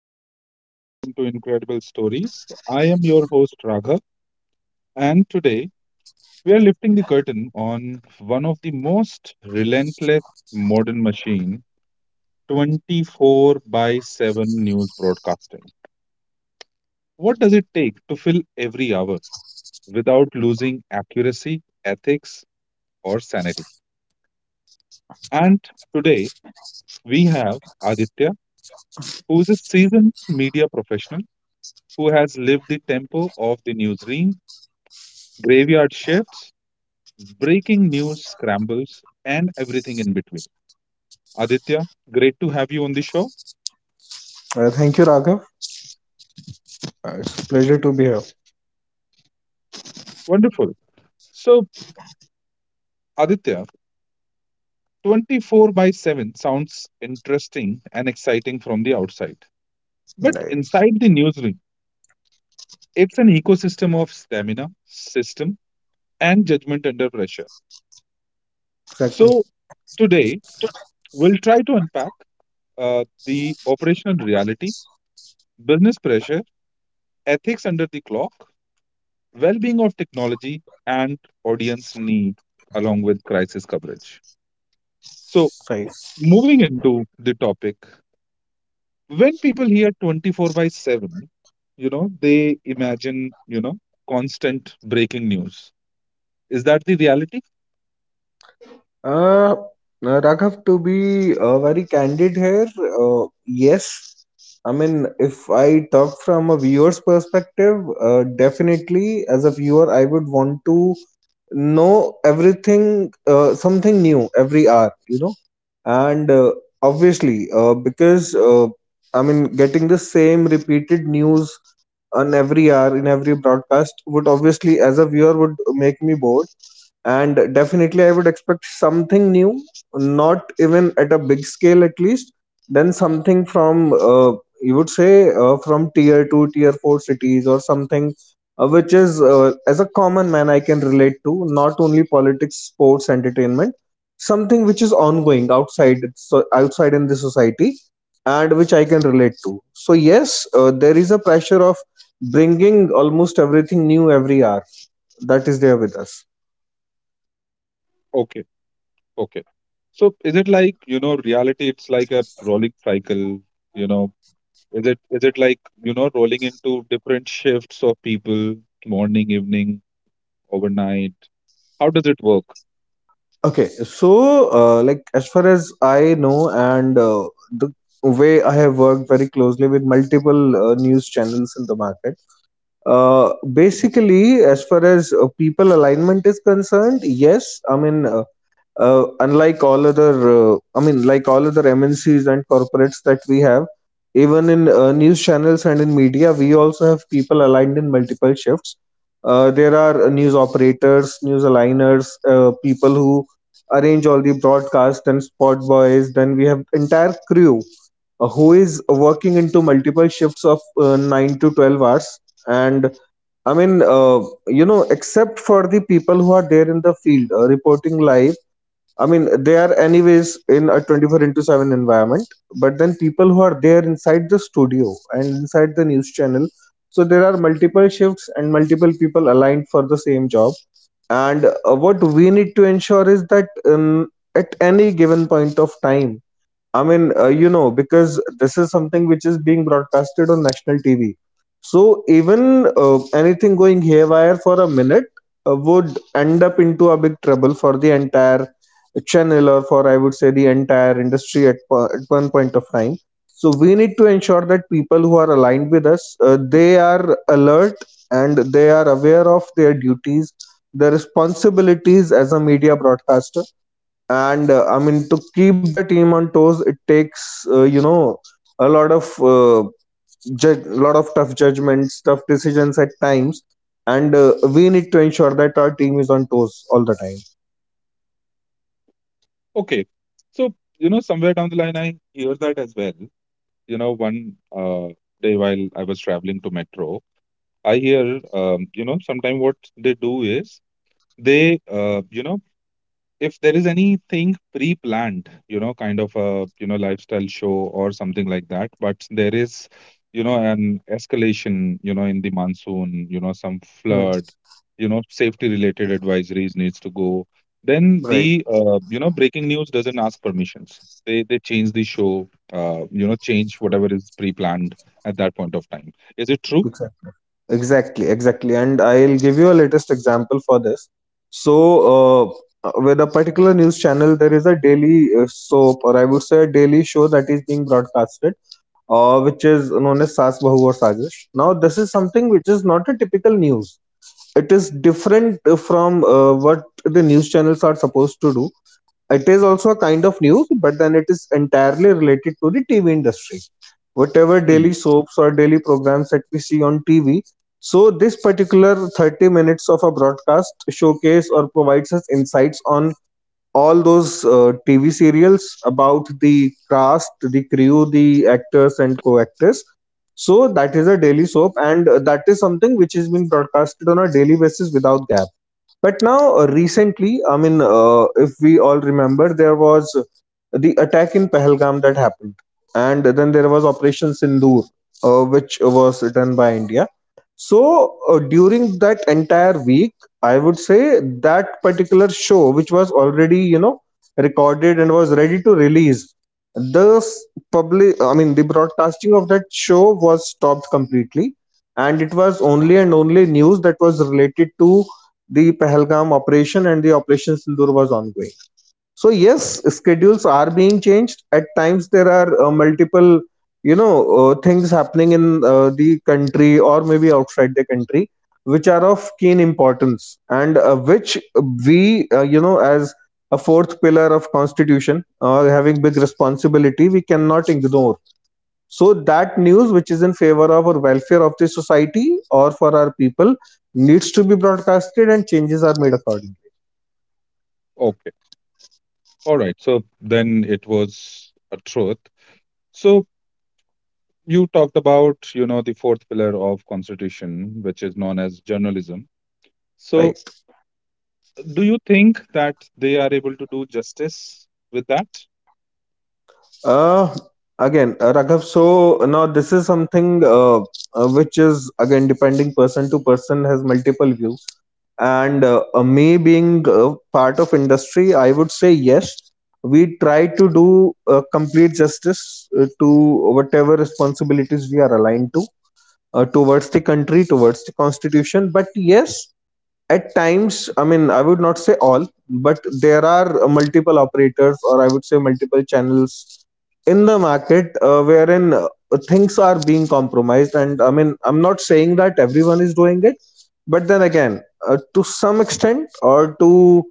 everyone. Welcome to Incredible Stories. I am your host, Raghav, and today we are lifting the curtain on one of the most relentless modern machine 24 by 7 news broadcasting. What does it take to fill every hour without losing accuracy, ethics, or sanity? And today we have Aditya, who is a seasoned media professional who has lived the tempo of the newsroom graveyard shifts, breaking news scrambles, and everything in between. Aditya, great to have you on the show. Wonderful. So, Aditya, 24 by 7 sounds interesting and exciting from the outside. But inside the newsroom, it's an ecosystem of stamina, system, and judgment under pressure. So, today, we'll try to unpack the operational reality, business pressure, ethics under the clock, well-being of technology and audience need along with crisis coverage. So, Right. moving into the topic, when people hear 24 by 7, they imagine, constant breaking news. Is that the reality? Uh, Raghav, to be very candid here, yes. I mean, if I talk from a viewer's perspective, definitely as a viewer, I would want to know everything, something new every hour. And obviously, because I mean, getting the same repeated news on every hour in every broadcast would obviously, as a viewer, would make me bored. And definitely I would expect something new, not even at a big scale, at least then something from you would say from tier 2, tier 4 cities or something, which is as a common man I can relate to. Not only politics, sports, entertainment, something which is ongoing outside, so outside in the society, and which I can relate to. So yes, there is a pressure of bringing almost everything new every hour that is there with us. Okay, okay. So, is it like, reality it's like a rolling cycle, you know, is it like, rolling into different shifts of people, morning, evening, overnight? How does it work? Okay, so like as far as I know, and the way I have worked very closely with multiple news channels in the market, basically, as far as people alignment is concerned, yes, I mean, uh, unlike all other like all other MNCs and corporates that we have, even in news channels and in media, we also have people aligned in multiple shifts. There are news operators, news aligners, people who arrange all the broadcast and spot boys, then we have entire crew who is working into multiple shifts of 9 to 12 hours. And I mean, except for the people who are there in the field reporting live, I mean, they are anyways in a 24 into 7 environment, but then people who are there inside the studio and inside the news channel. So there are multiple shifts and multiple people aligned for the same job. And what we need to ensure is that at any given point of time, I mean, because this is something which is being broadcasted on national TV. So even anything going haywire for a minute would end up into a big trouble for the entire channel, or, for, I would say, the entire industry at one point of time. So we need to ensure that people who are aligned with us, they are alert and they are aware of their duties, their responsibilities as a media broadcaster. And I mean, to keep the team on toes, it takes a lot of tough judgments, tough decisions at times. And we need to ensure that our team is on toes all the time. Okay. So, you know, somewhere down the line, I hear that as well. You know, one day while I was traveling to Metro, I hear, you know, sometime what they do is they, you know, if there is anything pre-planned, you know, kind of a, you know, lifestyle show or something like that, but there is, you know, an escalation, you know, in the monsoon, you know, some Hmm. flood, you know, safety related advisories needs to go, then Right. the, you know, breaking news doesn't ask permissions. They change the show, you know, change whatever is pre-planned at that point of time. Is it true? Exactly, exactly, exactly, and I'll give you a latest example for this. So with a particular news channel, there is a daily soap, or I would say a daily show that is being broadcasted, which is known as Sas Bahu or Sajish. Now, this is something which is not a typical news. It is different from what the news channels are supposed to do. It is also a kind of news, but then it is entirely related to the TV industry. Whatever Hmm. daily soaps or daily programs that we see on TV, so this particular 30 minutes of a broadcast showcase or provides us insights on all those TV serials about the cast, the crew, the actors and co-actors. So that is a daily soap, and that is something which is being broadcasted on a daily basis without gap. But now, recently, I mean, if we all remember, there was the attack in Pahalgam that happened, and then there was Operation Sindoor, which was done by India. So during that entire week, I would say that particular show, which was already recorded and was ready to release, the s- public, I mean, the broadcasting of that show was stopped completely, and it was only and only news that was related to the Pahalgam operation, and the Operation Sindur was ongoing. So yes, schedules are being changed. At times there are multiple, things happening in the country or maybe outside the country, which are of keen importance, and which we, as a fourth pillar of constitution, having big responsibility, we cannot ignore. So that news which is in favor of or welfare of the society or for our people needs to be broadcasted and changes are made accordingly. Okay. All right. So then it was a truth. So you talked about you know the fourth pillar of constitution which is known as journalism, so Right. do you think that they are able to do justice with that? uh Again, Raghav, so now this is something which is again depending person to person, has multiple views. And me being part of industry, I would say yes, we try to do complete justice to whatever responsibilities we are aligned to, towards the country, towards the constitution. But yes, at times, I mean, I would not say all, but there are multiple operators, or I would say multiple channels in the market, wherein things are being compromised. And I mean, I'm not saying that everyone is doing it, but then again, to some extent, or to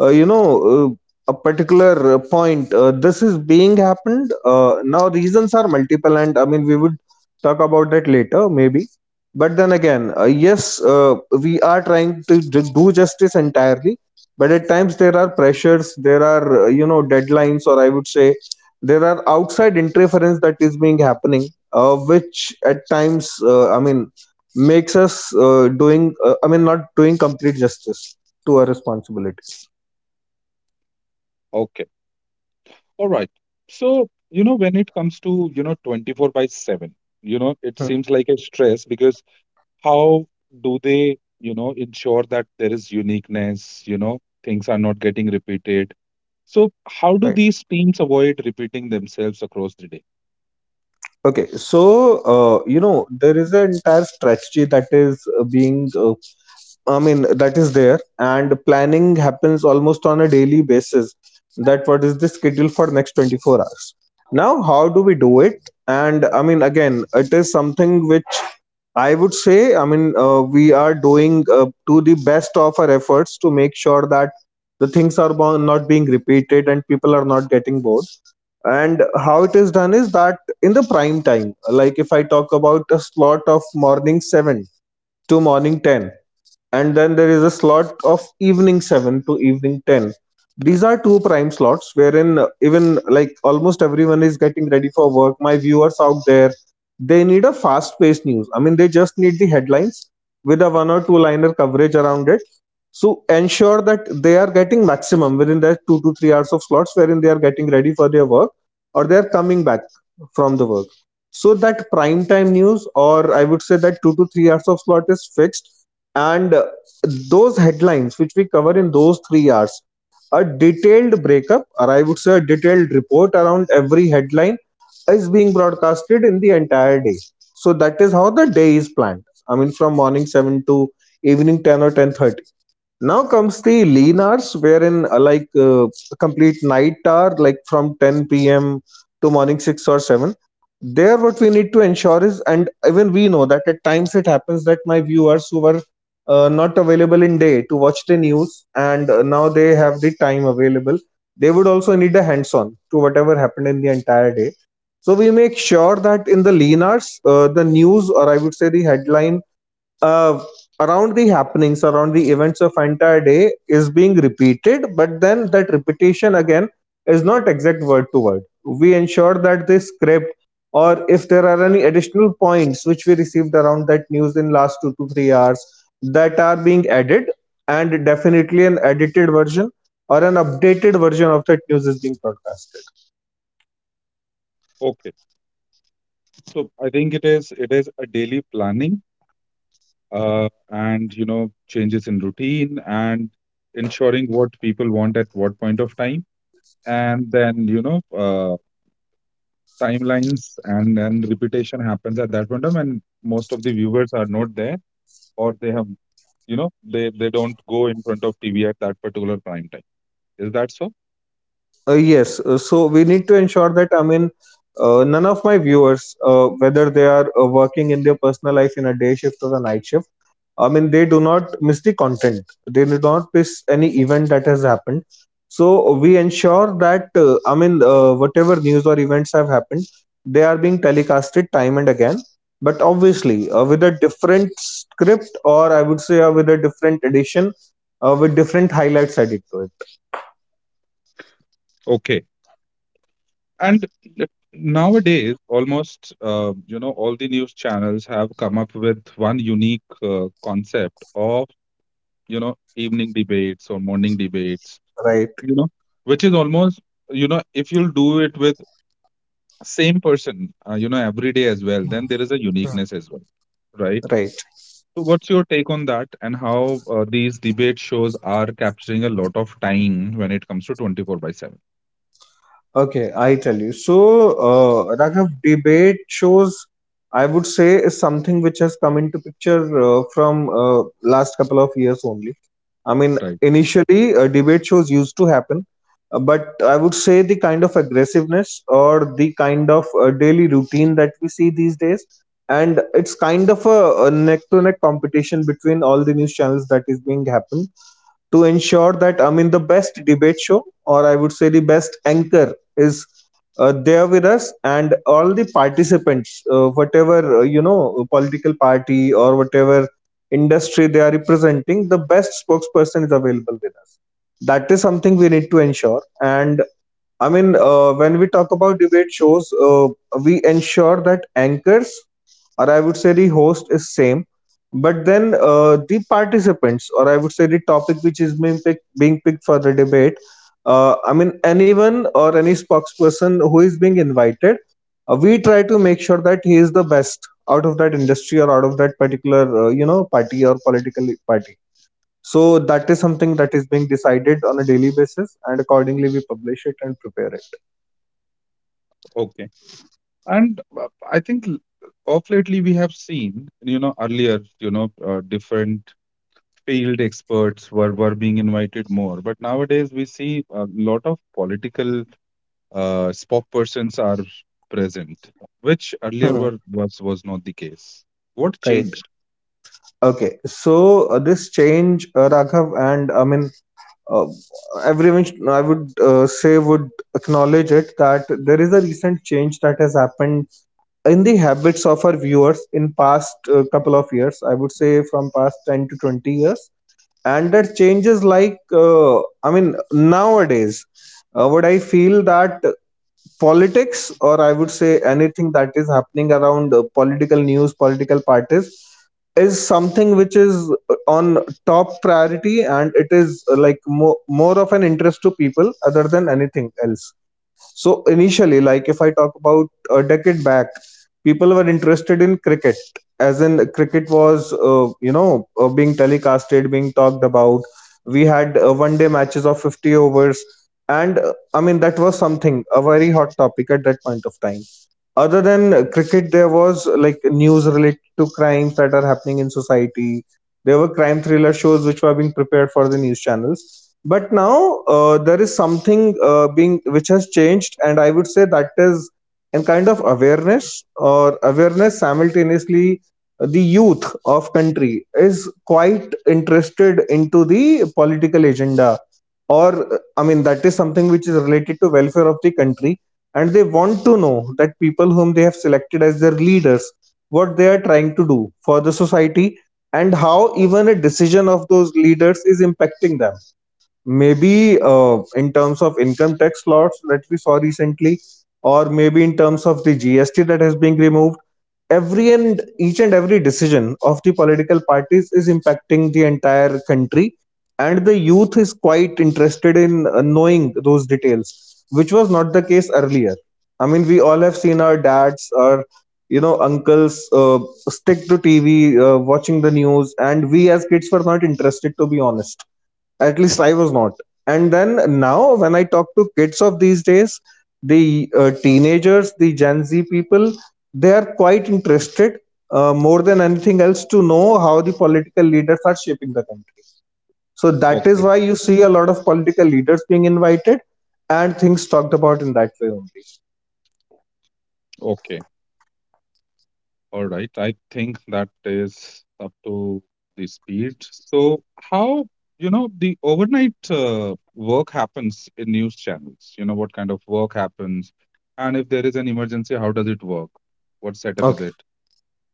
uh, you know. Uh, a particular point, this is being happened, now reasons are multiple, and I mean we would talk about that later maybe. But then again, yes, we are trying to do justice entirely. But at times there are pressures, there are deadlines, or I would say, there are outside interference that is being happening, which at times, I mean makes us doing I mean not doing complete justice to our responsibilities. Okay, all right. So, you know, when it comes to, you know, 24 by 7, you know, it Hmm, seems like a stress because how do they, you know, ensure that there is uniqueness, you know, things are not getting repeated? So how do right. these teams avoid repeating themselves across the day? Okay, so there is an entire strategy that is being, I mean, that is there, and planning happens almost on a daily basis. That what is the schedule for next 24 hours? Now, how do we do it? And I mean, again, it is something which I would say, I mean, we are doing to the best of our efforts to make sure that the things are not being repeated and people are not getting bored. And how it is done is that in the prime time, like if I talk about a slot of morning 7 to morning 10, and then there is a slot of evening 7 to evening 10, these are two prime slots wherein even like almost everyone is getting ready for work. My viewers out there, they need a fast paced news, I mean they just need the headlines with a one or two liner coverage around it. So ensure that they are getting maximum within that 2 to 3 hours of slots wherein they are getting ready for their work, or they are coming back from the work. So that prime time news, or I would say that 2 to 3 hours of slot is fixed. And those headlines which we cover in those 3 hours, a detailed breakup, or I would say a detailed report around every headline, is being broadcasted in the entire day. So that is how the day is planned, I mean from morning 7 to evening 10 or 10:30. Now comes the lean hours wherein like complete night hour, like from 10 p.m to morning 6 or 7, there what we need to ensure is, and even we know that at times it happens that my viewers who were not available in day to watch the news, and now they have the time available, they would also need a hands on to whatever happened in the entire day. So we make sure that in the lean hours, the news, or I would say the headline uh, around the happenings, around the events of entire day is being repeated, but then that repetition again is not exact word to word. We ensure that the script, or if there are any additional points which we received around that news in last 2 to 3 hours, that are being added, and definitely an edited version or an updated version of that news is being broadcast. Okay. So I think it is a daily planning, and you know changes in routine and ensuring what people want at what point of time, and then you know, timelines and repetition happens at that point of time, and most of the viewers are not there, or they have, you know, they don't go in front of TV at that particular prime time. Is that so? Yes, so we need to ensure that I mean, none of my viewers, whether they are working in their personal life in a day shift or a night shift, I mean, they do not miss the content. They do not miss any event that has happened. So we ensure that I mean, whatever news or events have happened, they are being telecasted time and again. But obviously, with a different script, or I would say, with a different edition, with different highlights added to it. Okay. And l- nowadays, almost you know, all the news channels have come up with one unique concept of, you know, evening debates or morning debates. Right, You know, which is almost, you know, if you'll do it with same person, you know, every day as well, then there is a uniqueness as well, right? right. So, what's your take on that, and how these debate shows are capturing a lot of time when it comes to 24 by 7? Okay, I tell you. So, Raghav, debate shows, I would say, is something which has come into picture from last couple of years only. I mean, Right. initially, debate shows used to happen, but I would say the kind of aggressiveness or the kind of daily routine that we see these days, and it's kind of a neck to neck competition between all the news channels that is being happened to ensure that I mean the best debate show or I would say the best anchor is there with us and all the participants, whatever political party or whatever industry they are representing, the best spokesperson is available with us. That is something we need to ensure. And I mean, when we talk about debate shows, we ensure that anchors or I would say the host is same but then the participants, or I would say the topic which is being picked for the debate, I mean, anyone or any spokesperson who is being invited, we try to make sure that he is the best out of that industry or out of that particular, party or political party. So that is something that is being decided on a daily basis, and accordingly we publish it and prepare it. Okay. And I think of lately we have seen, you know, earlier, you know, different field experts were being invited more. But nowadays we see a lot of political spokespersons are present, which earlier Hmm. were was not the case. What Right. changed? Okay. So this change, Raghav, and I mean uh, I would say would acknowledge it that there is a recent change that has happened in the habits of our viewers in past couple of years I would say from past 10 to 20 years and that changes like I mean nowadays what I feel that politics or I would say anything that is happening around political news political parties is something which is on top priority and it is like more of an interest to people other than anything else. So initially, like if I talk about a decade back, people were interested in cricket. As in cricket was being telecasted, being talked about, we had one day matches of 50 overs, and I mean that was something a very hot topic at that point of time. Other than cricket, there was like news related to crimes that are happening in society. There were crime thriller shows which were being prepared for the news channels. But now there is something being which has changed, and I would say that is a kind of awareness or awareness simultaneously. Uh, the youth of country is quite interested into the political agenda or I mean that is something which is related to welfare of the country, and they want to know that people whom they have selected as their leaders, what they are trying to do for the society, and how even a decision of those leaders is impacting them. Maybe in terms of income tax laws that we saw recently, or maybe in terms of the GST that has been removed. Every and each and every decision of the political parties is impacting the entire country, and the youth is quite interested in knowing those details, which was not the case earlier. I mean, we all have seen our dads or uncles stick to TV watching the news, and we as kids were not interested, to be honest. At least I was not. And then now when I talk to kids of these days, the teenagers, the gen z people, they are quite interested more than anything else to know how the political leaders are shaping the country. So that is Okay, why you see a lot of political leaders being invited and things talked about in that way only. okay. All right, I think that is up to the speed. So, how, you know, the overnight work happens in news channels? You know what kind of work happens, and if there is an emergency, how does it work? What setup is Okay. it?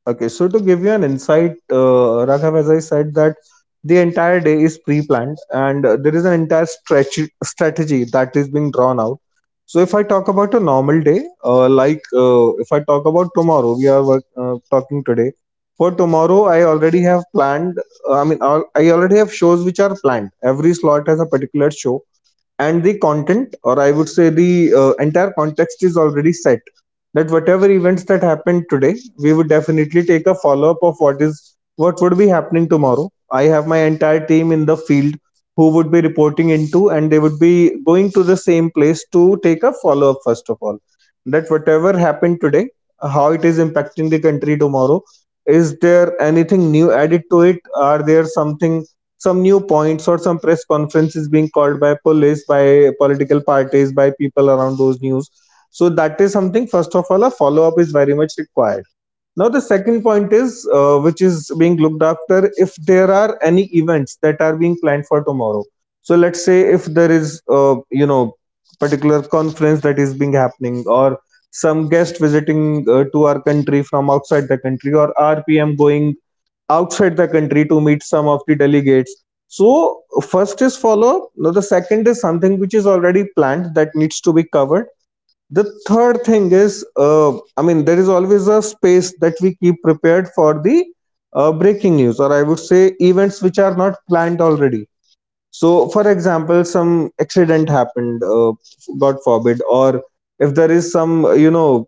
Okay, so to give you an insight, Raghav, as I said, that the entire day is pre-planned and there is an entire stretch strategy that is being drawn out. So if I talk about a normal day, if I talk about tomorrow, talking today. For tomorrow, I already have planned. I mean, I already have shows which are planned. Every slot has a particular show, and the content, or I would say the entire context, is already set. That whatever events that happened today, we would definitely take a follow up of what is, what would be happening tomorrow. I have my entire team in the field who would be reporting into, and they would be going to the same place to take a follow up first of all. That whatever happened today, how it is impacting the country tomorrow, is there anything new added to it, are there something, some new points, or some press conference is being called by police, by political parties, by people around those news. So that is something. First of all, a follow up is very much required. Now the second point is, which is being looked after, if there are any events that are being planned for tomorrow. So let's say if there is, particular conference that is being happening, or some guest visiting to our country from outside the country, or rpm going outside the country to meet some of the delegates. So, first is follow up. Now, the second is something which is already planned that needs to be covered. The third thing is, I mean, there is always a space that we keep prepared for the breaking news, or I would say events which are not planned already. So, for example, some accident happened, God forbid, or if there is some,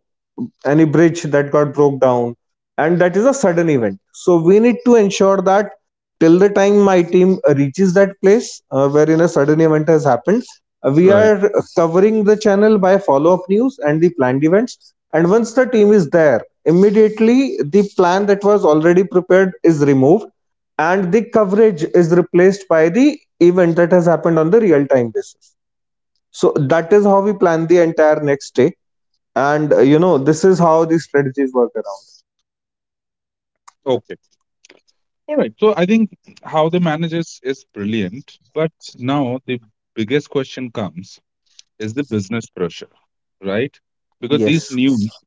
any bridge that got broke down, and that is a sudden event. So, we need to ensure that till the time my team reaches that place wherein a sudden event has happened, we Right. are covering the channel by follow up news and the planned events. And once the team is there, immediately the plan that was already prepared is removed, and the coverage is replaced by the event that has happened on the real time basis. So that is how we plan the entire next day, and this is how the strategies work around. Okay. All right. So I think how they manage is brilliant. But now the biggest question comes: is the business pressure, right? Because these Yes. news,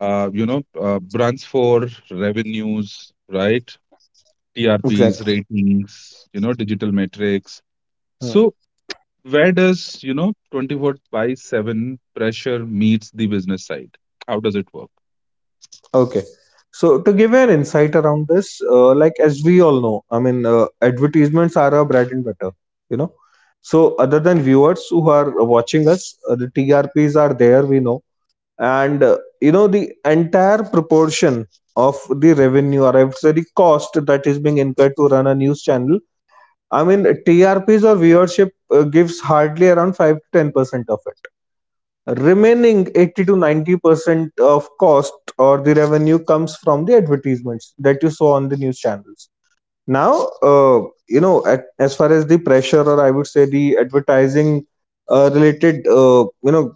you know, runs for revenues, right? TRPs, Exactly. ratings, you know, digital metrics. Hmm. So where does, you know, 24 by 7 pressure meets the business side? How does it work? Okay, so to give you an insight around this like as we all know I mean advertisements are our bread and butter, you know. So other than viewers who are watching us, the TRPs are there, we know. And the entire proportion of the revenue, or I would say the cost that is being incurred to run a news channel. I mean, TRPs or viewership gives hardly around 5 to 10% of it. Remaining 80 to 90% of cost or the revenue comes from the advertisements that you saw on the news channels. Now, uh, as far as the pressure, or I would say the advertising related,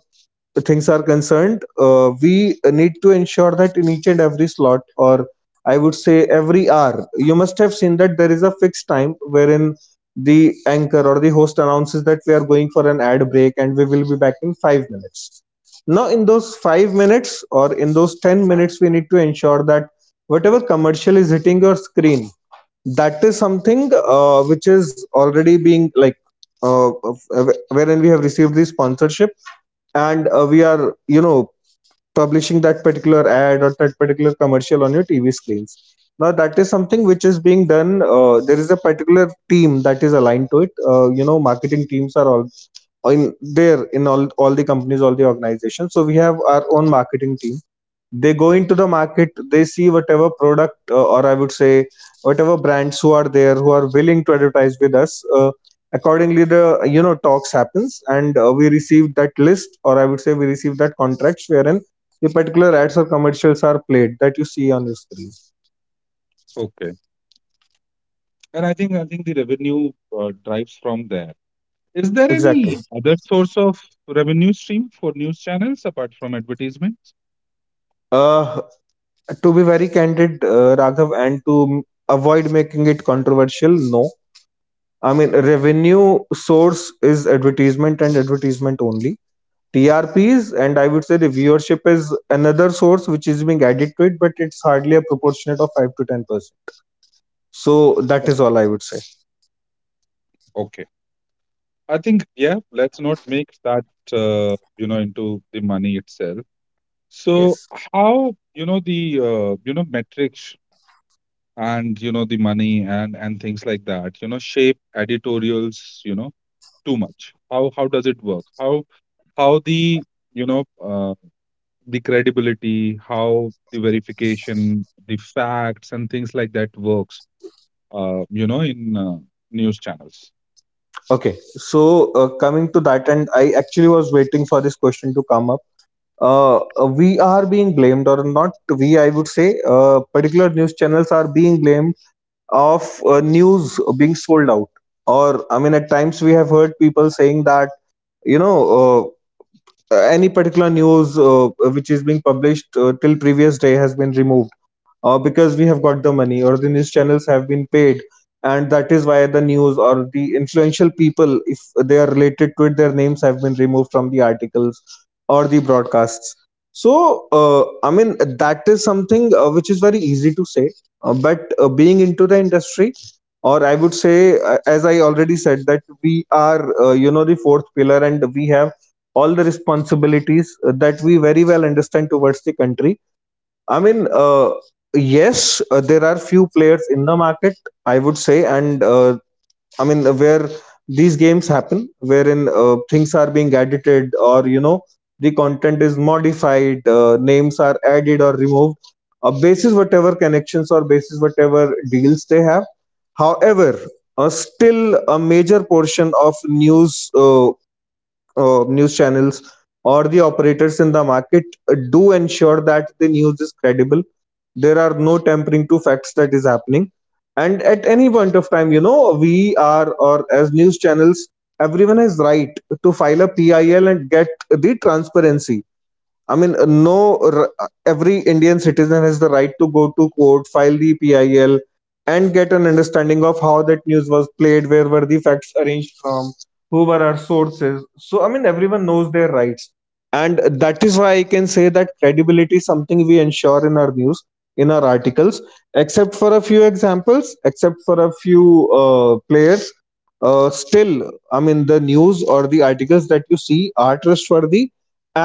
things are concerned, we need to ensure that in each and every slot, or I would say every hour, you must have seen that there is a fixed time wherein the anchor or the host announces that we are going for an ad break and we will be back in 5 minutes. Now, in those 5 minutes or in those 10 minutes, we need to ensure that whatever commercial is hitting your screen, that is something which is already being like uh, wherein we have received the sponsorship, and we are you know publishing that particular ad or that particular commercial on your TV screens. Now that is something which is being done. There is a particular team that is aligned to it, marketing teams are all in there in all the companies, all the organizations. So we have our own marketing team. They go Hmm. into the market, they see whatever product or I would say whatever brands who are there who are willing to advertise with us, accordingly the, talks happens, and we receive that list, or I would say we receive that contracts wherein the particular ads or commercials are played that you see on your screen. Okay. And I think the revenue drives from there. Is there Exactly. any other source of revenue stream for news channels apart from advertisements? uh, to be very candid, Raghav, and to avoid making it controversial, no, I mean revenue source is advertisement and advertisement only. TRPs and I would say the viewership is another source which is being added to it, but it's hardly a proportionate of 5 to 10%. So that O- is all I would say. Okay. I think, yeah, let's not make that, you know, into the money itself. So Yes. how, you know, the, you know, metrics and you know the money and things like that you know shape editorials, you know, too much. How does it work? How the you know the credibility, how the verification, the facts and things like that works you know in news channels? Okay. So coming to that, and I actually was waiting for this question to come up. We are being blamed, or not we, I would say, particular news channels are being blamed of news being sold out. Or, I mean, at times we have heard people saying that you know uh, any particular news which is being published till previous day has been removed, because we have got the money or the news channels have been paid, and that is why the news or the influential people, if they are related to it, their names have been removed from the articles or the broadcasts. So I mean that is something, which is very easy to say. But being into the industry, or I would say, as I already said, that we are, you know, the fourth pillar, and we have all the responsibilities that we very well understand towards the country. I mean, yes, there are few players in the market, I would say, and I mean where these games happen, wherein things are being edited, or you know, the content is modified, names are added or removed, basis whatever connections or basis whatever deals they have. However, still a major portion of news channels or the operators in the market do ensure that the news is credible, there are no tampering to facts that is happening, and at any point of time, you know, we are, or as news channels, everyone has right to file a PIL and get the transparency. I mean, no, every Indian citizen has the right to go to court, file the PIL, and get an understanding of how that news was played, where were the facts arranged from, who were our sources. So, I mean, everyone knows their rights. And that is why I can say that credibility is something we ensure in our news, in our articles, except for a few examples, except for a few players. Still, I mean, the news or the articles that you see are trustworthy,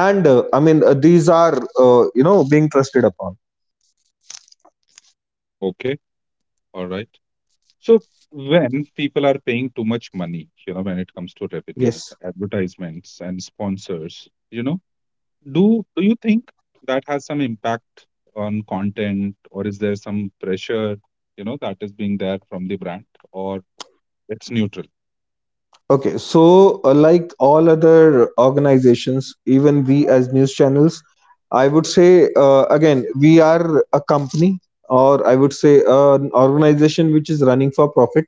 and I mean these are, you know, being trusted upon. Okay, all right. So when people are paying too much money, you know, when it comes to revenue, Yes. advertisements and sponsors, you know, do you think that has some impact on content, or is there some pressure, you know, that is being there from the brand, or it's neutral? Okay, so like all other organizations, even we as news channels, I would say, again, we are a company, or I would say an organization which is running for profit.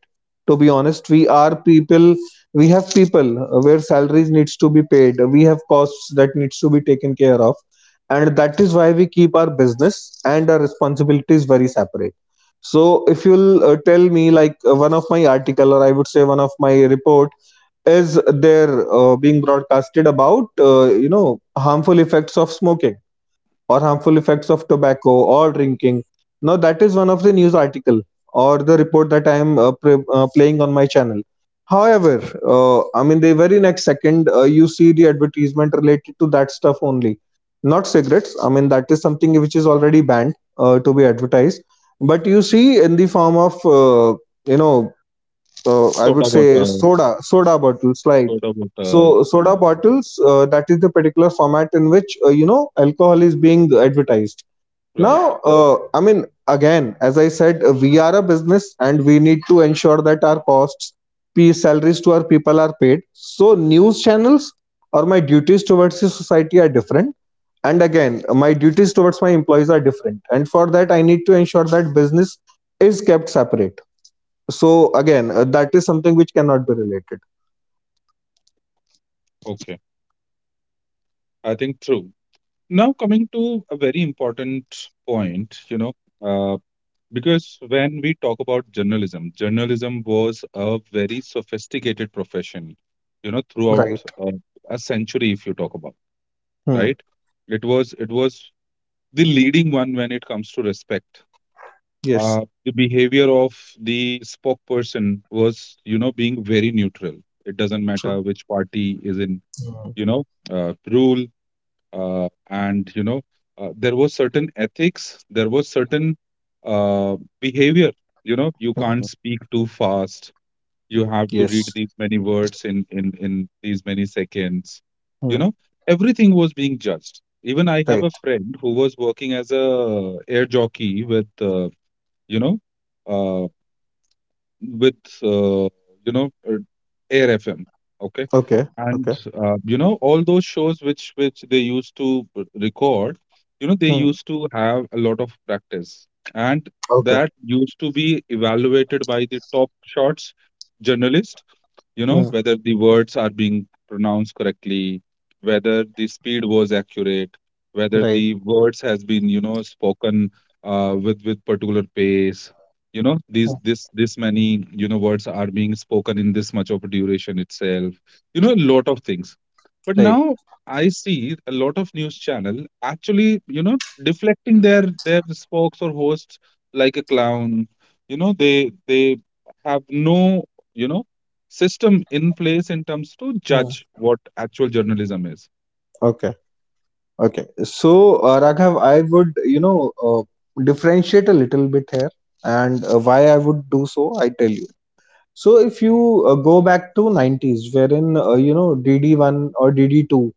To be honest, we are people, we have people where salaries needs to be paid. We have costs that needs to be taken care of. And that is why we keep our business and our responsibilities very separate. So if you'll tell me, like, one of my article, or I would say one of my report, is there being broadcasted about, you know, harmful effects of smoking or harmful effects of tobacco or drinking. Now that is one of the news article or the report that I am playing on my channel. However, I mean the very next second, you see the advertisement related to that stuff only, not cigarettes. I mean that is something which is already banned to be advertised, but you see in the form of, you know I Soda would say water, soda bottles, right? soda water. So Yeah. soda bottles, that is the particular format in which, you know, alcohol is being advertised. Right. Now, I mean, again, as I said, we are a business and we need to ensure that our costs, p salaries to our people are paid. So news channels or my duties towards the society are different. And again, my duties towards my employees are different. And for that, I need to ensure that business is kept separate. So again, that is something which cannot be related. Okay. I think true. Now coming to a very important point, you know, uh, because when we talk about journalism, journalism was a very sophisticated profession, you know, throughout Right. uh, a century, if you talk about, Hmm. right? It was the leading one when it comes to respect. Yes. The behavior of the spokesperson was, you know, being very neutral. It doesn't True. matter which party is in, Hmm. you know, rule, and you know, there was certain ethics, there was certain uh, behavior. You know, you can't Hmm. speak too fast, you have to read Yes. these many words in in these many seconds, you Hmm. know, everything was being judged. Even I have Right. a friend who was working as a air jockey with you know, uh, with you know, uh, air FM. Okay. Okay. And Okay. You know, all those shows which they used to record, you know, they Hmm. used to have a lot of practice, and Okay. that used to be evaluated by the top shots journalist, you know, Hmm. whether the words are being pronounced correctly, whether the speed was accurate, whether Right. the words has been, you know, spoken with particular pace, you know, these Hmm. this this many you know words are being spoken in this much of a duration itself, you know, a lot of things. But Right. now I see a lot of news channel actually, you know, deflecting their spokes or hosts like a clown, you know, they have no, you know, system in place in terms to Hmm. judge what actual journalism is. Okay. Okay. So Raghav, I would, you know, differentiate a little bit here, and why I would do so, I tell you. So if you go back to 90s, wherein, you know, DD1 or DD2,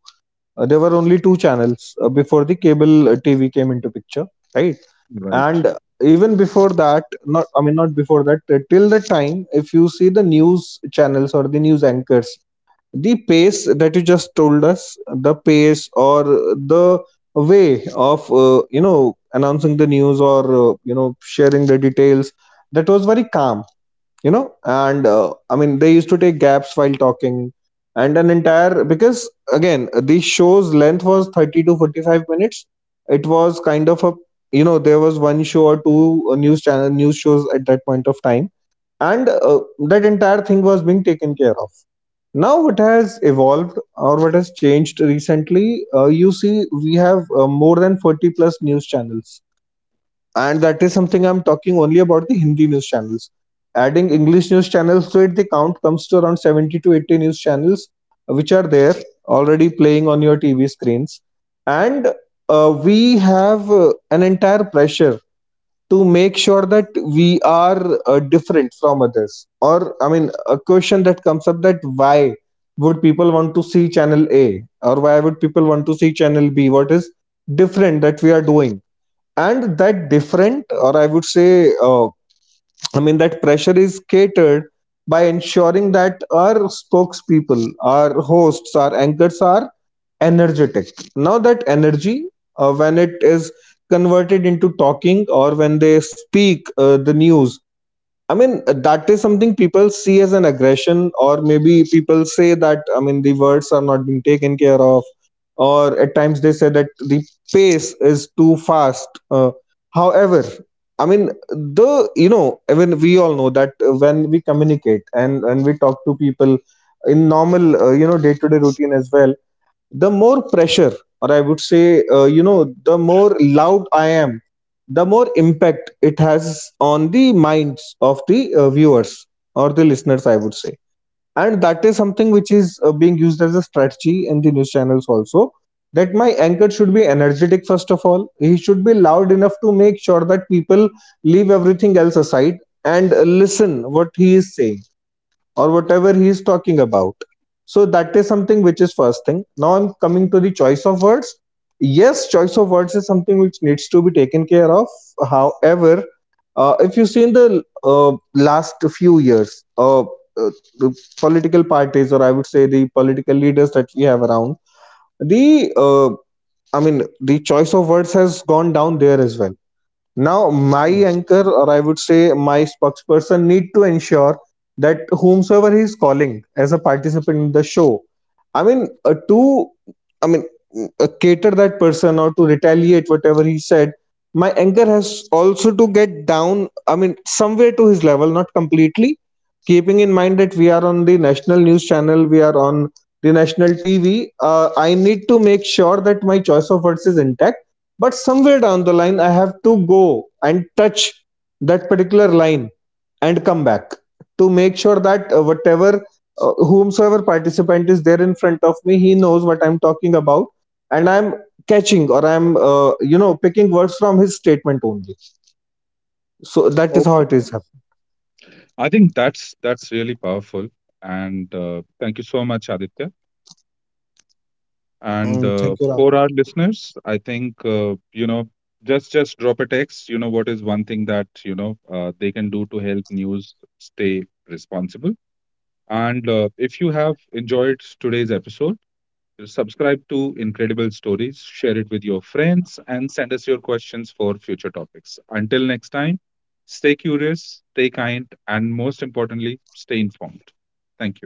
there were only two channels before the cable TV came into picture, right? Right. And even before that, not, I mean, not before that, till the time, if you see the news channels or the news anchors, the pace that you just told us, the pace or the way of, you know, announcing the news, or you know, sharing the details, that was very calm, you know. And I mean they used to take gaps while talking, and an entire, because again, the show's length was 30 to 45 minutes. It was kind of a, you know, there was one show or two news channel news shows at that point of time, and that entire thing was being taken care of. Now what has evolved or what has changed recently, you see, we have more than 40 plus news channels, and that is something, I'm talking only about the Hindi news channels. Adding English news channels to it, the count comes to around 70 to 80 news channels which are there, already playing on your TV screens. And we have an entire pressure to make sure that we are different from others, or I mean, a question that comes up, that why would people want to see channel A or why would people want to see channel B, what is different that we are doing. And that different, or I would say, I mean, that pressure is catered by ensuring that our spokespeople, our hosts, our anchors are energetic. Now that energy, when it is converted into talking, or when they speak the news, I mean, that is something people see as an aggression, or maybe people say that, I mean, the words are not being taken care of, or at times they say that the pace is too fast. However, I mean, the, you know, I mean, we all know that when we communicate and, we talk to people in normal, you know, day to day routine as well, the more pressure, or I would say, you know, the more loud I am, the more impact it has on the minds of the viewers or the listeners, I would say. And that is something which is being used as a strategy in the news channels also, that my anchor should be energetic, first of all he should be loud enough to make sure that people leave everything else aside, and listen what he is saying or whatever he is talking about. So that is something which is first thing. Now I'm coming to the choice of words. Yes, choice of words is something which needs to be taken care of. However, if you see in the last few years, the political parties, or I would say the political leaders that we have around, the I mean the choice of words has gone down there as well. Now, my Hmm. anchor, or I would say my spokesperson, need to ensure that whomsoever he is calling as a participant in the show, I mean, to, I mean, cater that person or to retaliate whatever he said, my anchor has also to get down, I mean, somewhere to his level, not completely, keeping in mind that we are on the national news channel, we are on the national TV. I need to make sure that my choice of words is intact, but somewhere down the line I have to go and touch that particular line and come back to make sure that, whatever, whomsoever participant is there in front of me, he knows what I'm talking about, and I'm catching, or I'm, you know, picking words from his statement only. So that is how Okay. it is happening. I think that's really powerful. And thank you so much, Aditya. And Mm, thank you Ram. for our listeners, I think you know, just drop a text. You know what is one thing that you know they can do to help news stay responsible. And if you have enjoyed today's episode, subscribe to Incredible Stories, share it with your friends, and send us your questions for future topics. Until next time, stay curious, stay kind, and most importantly, stay informed. Thank you.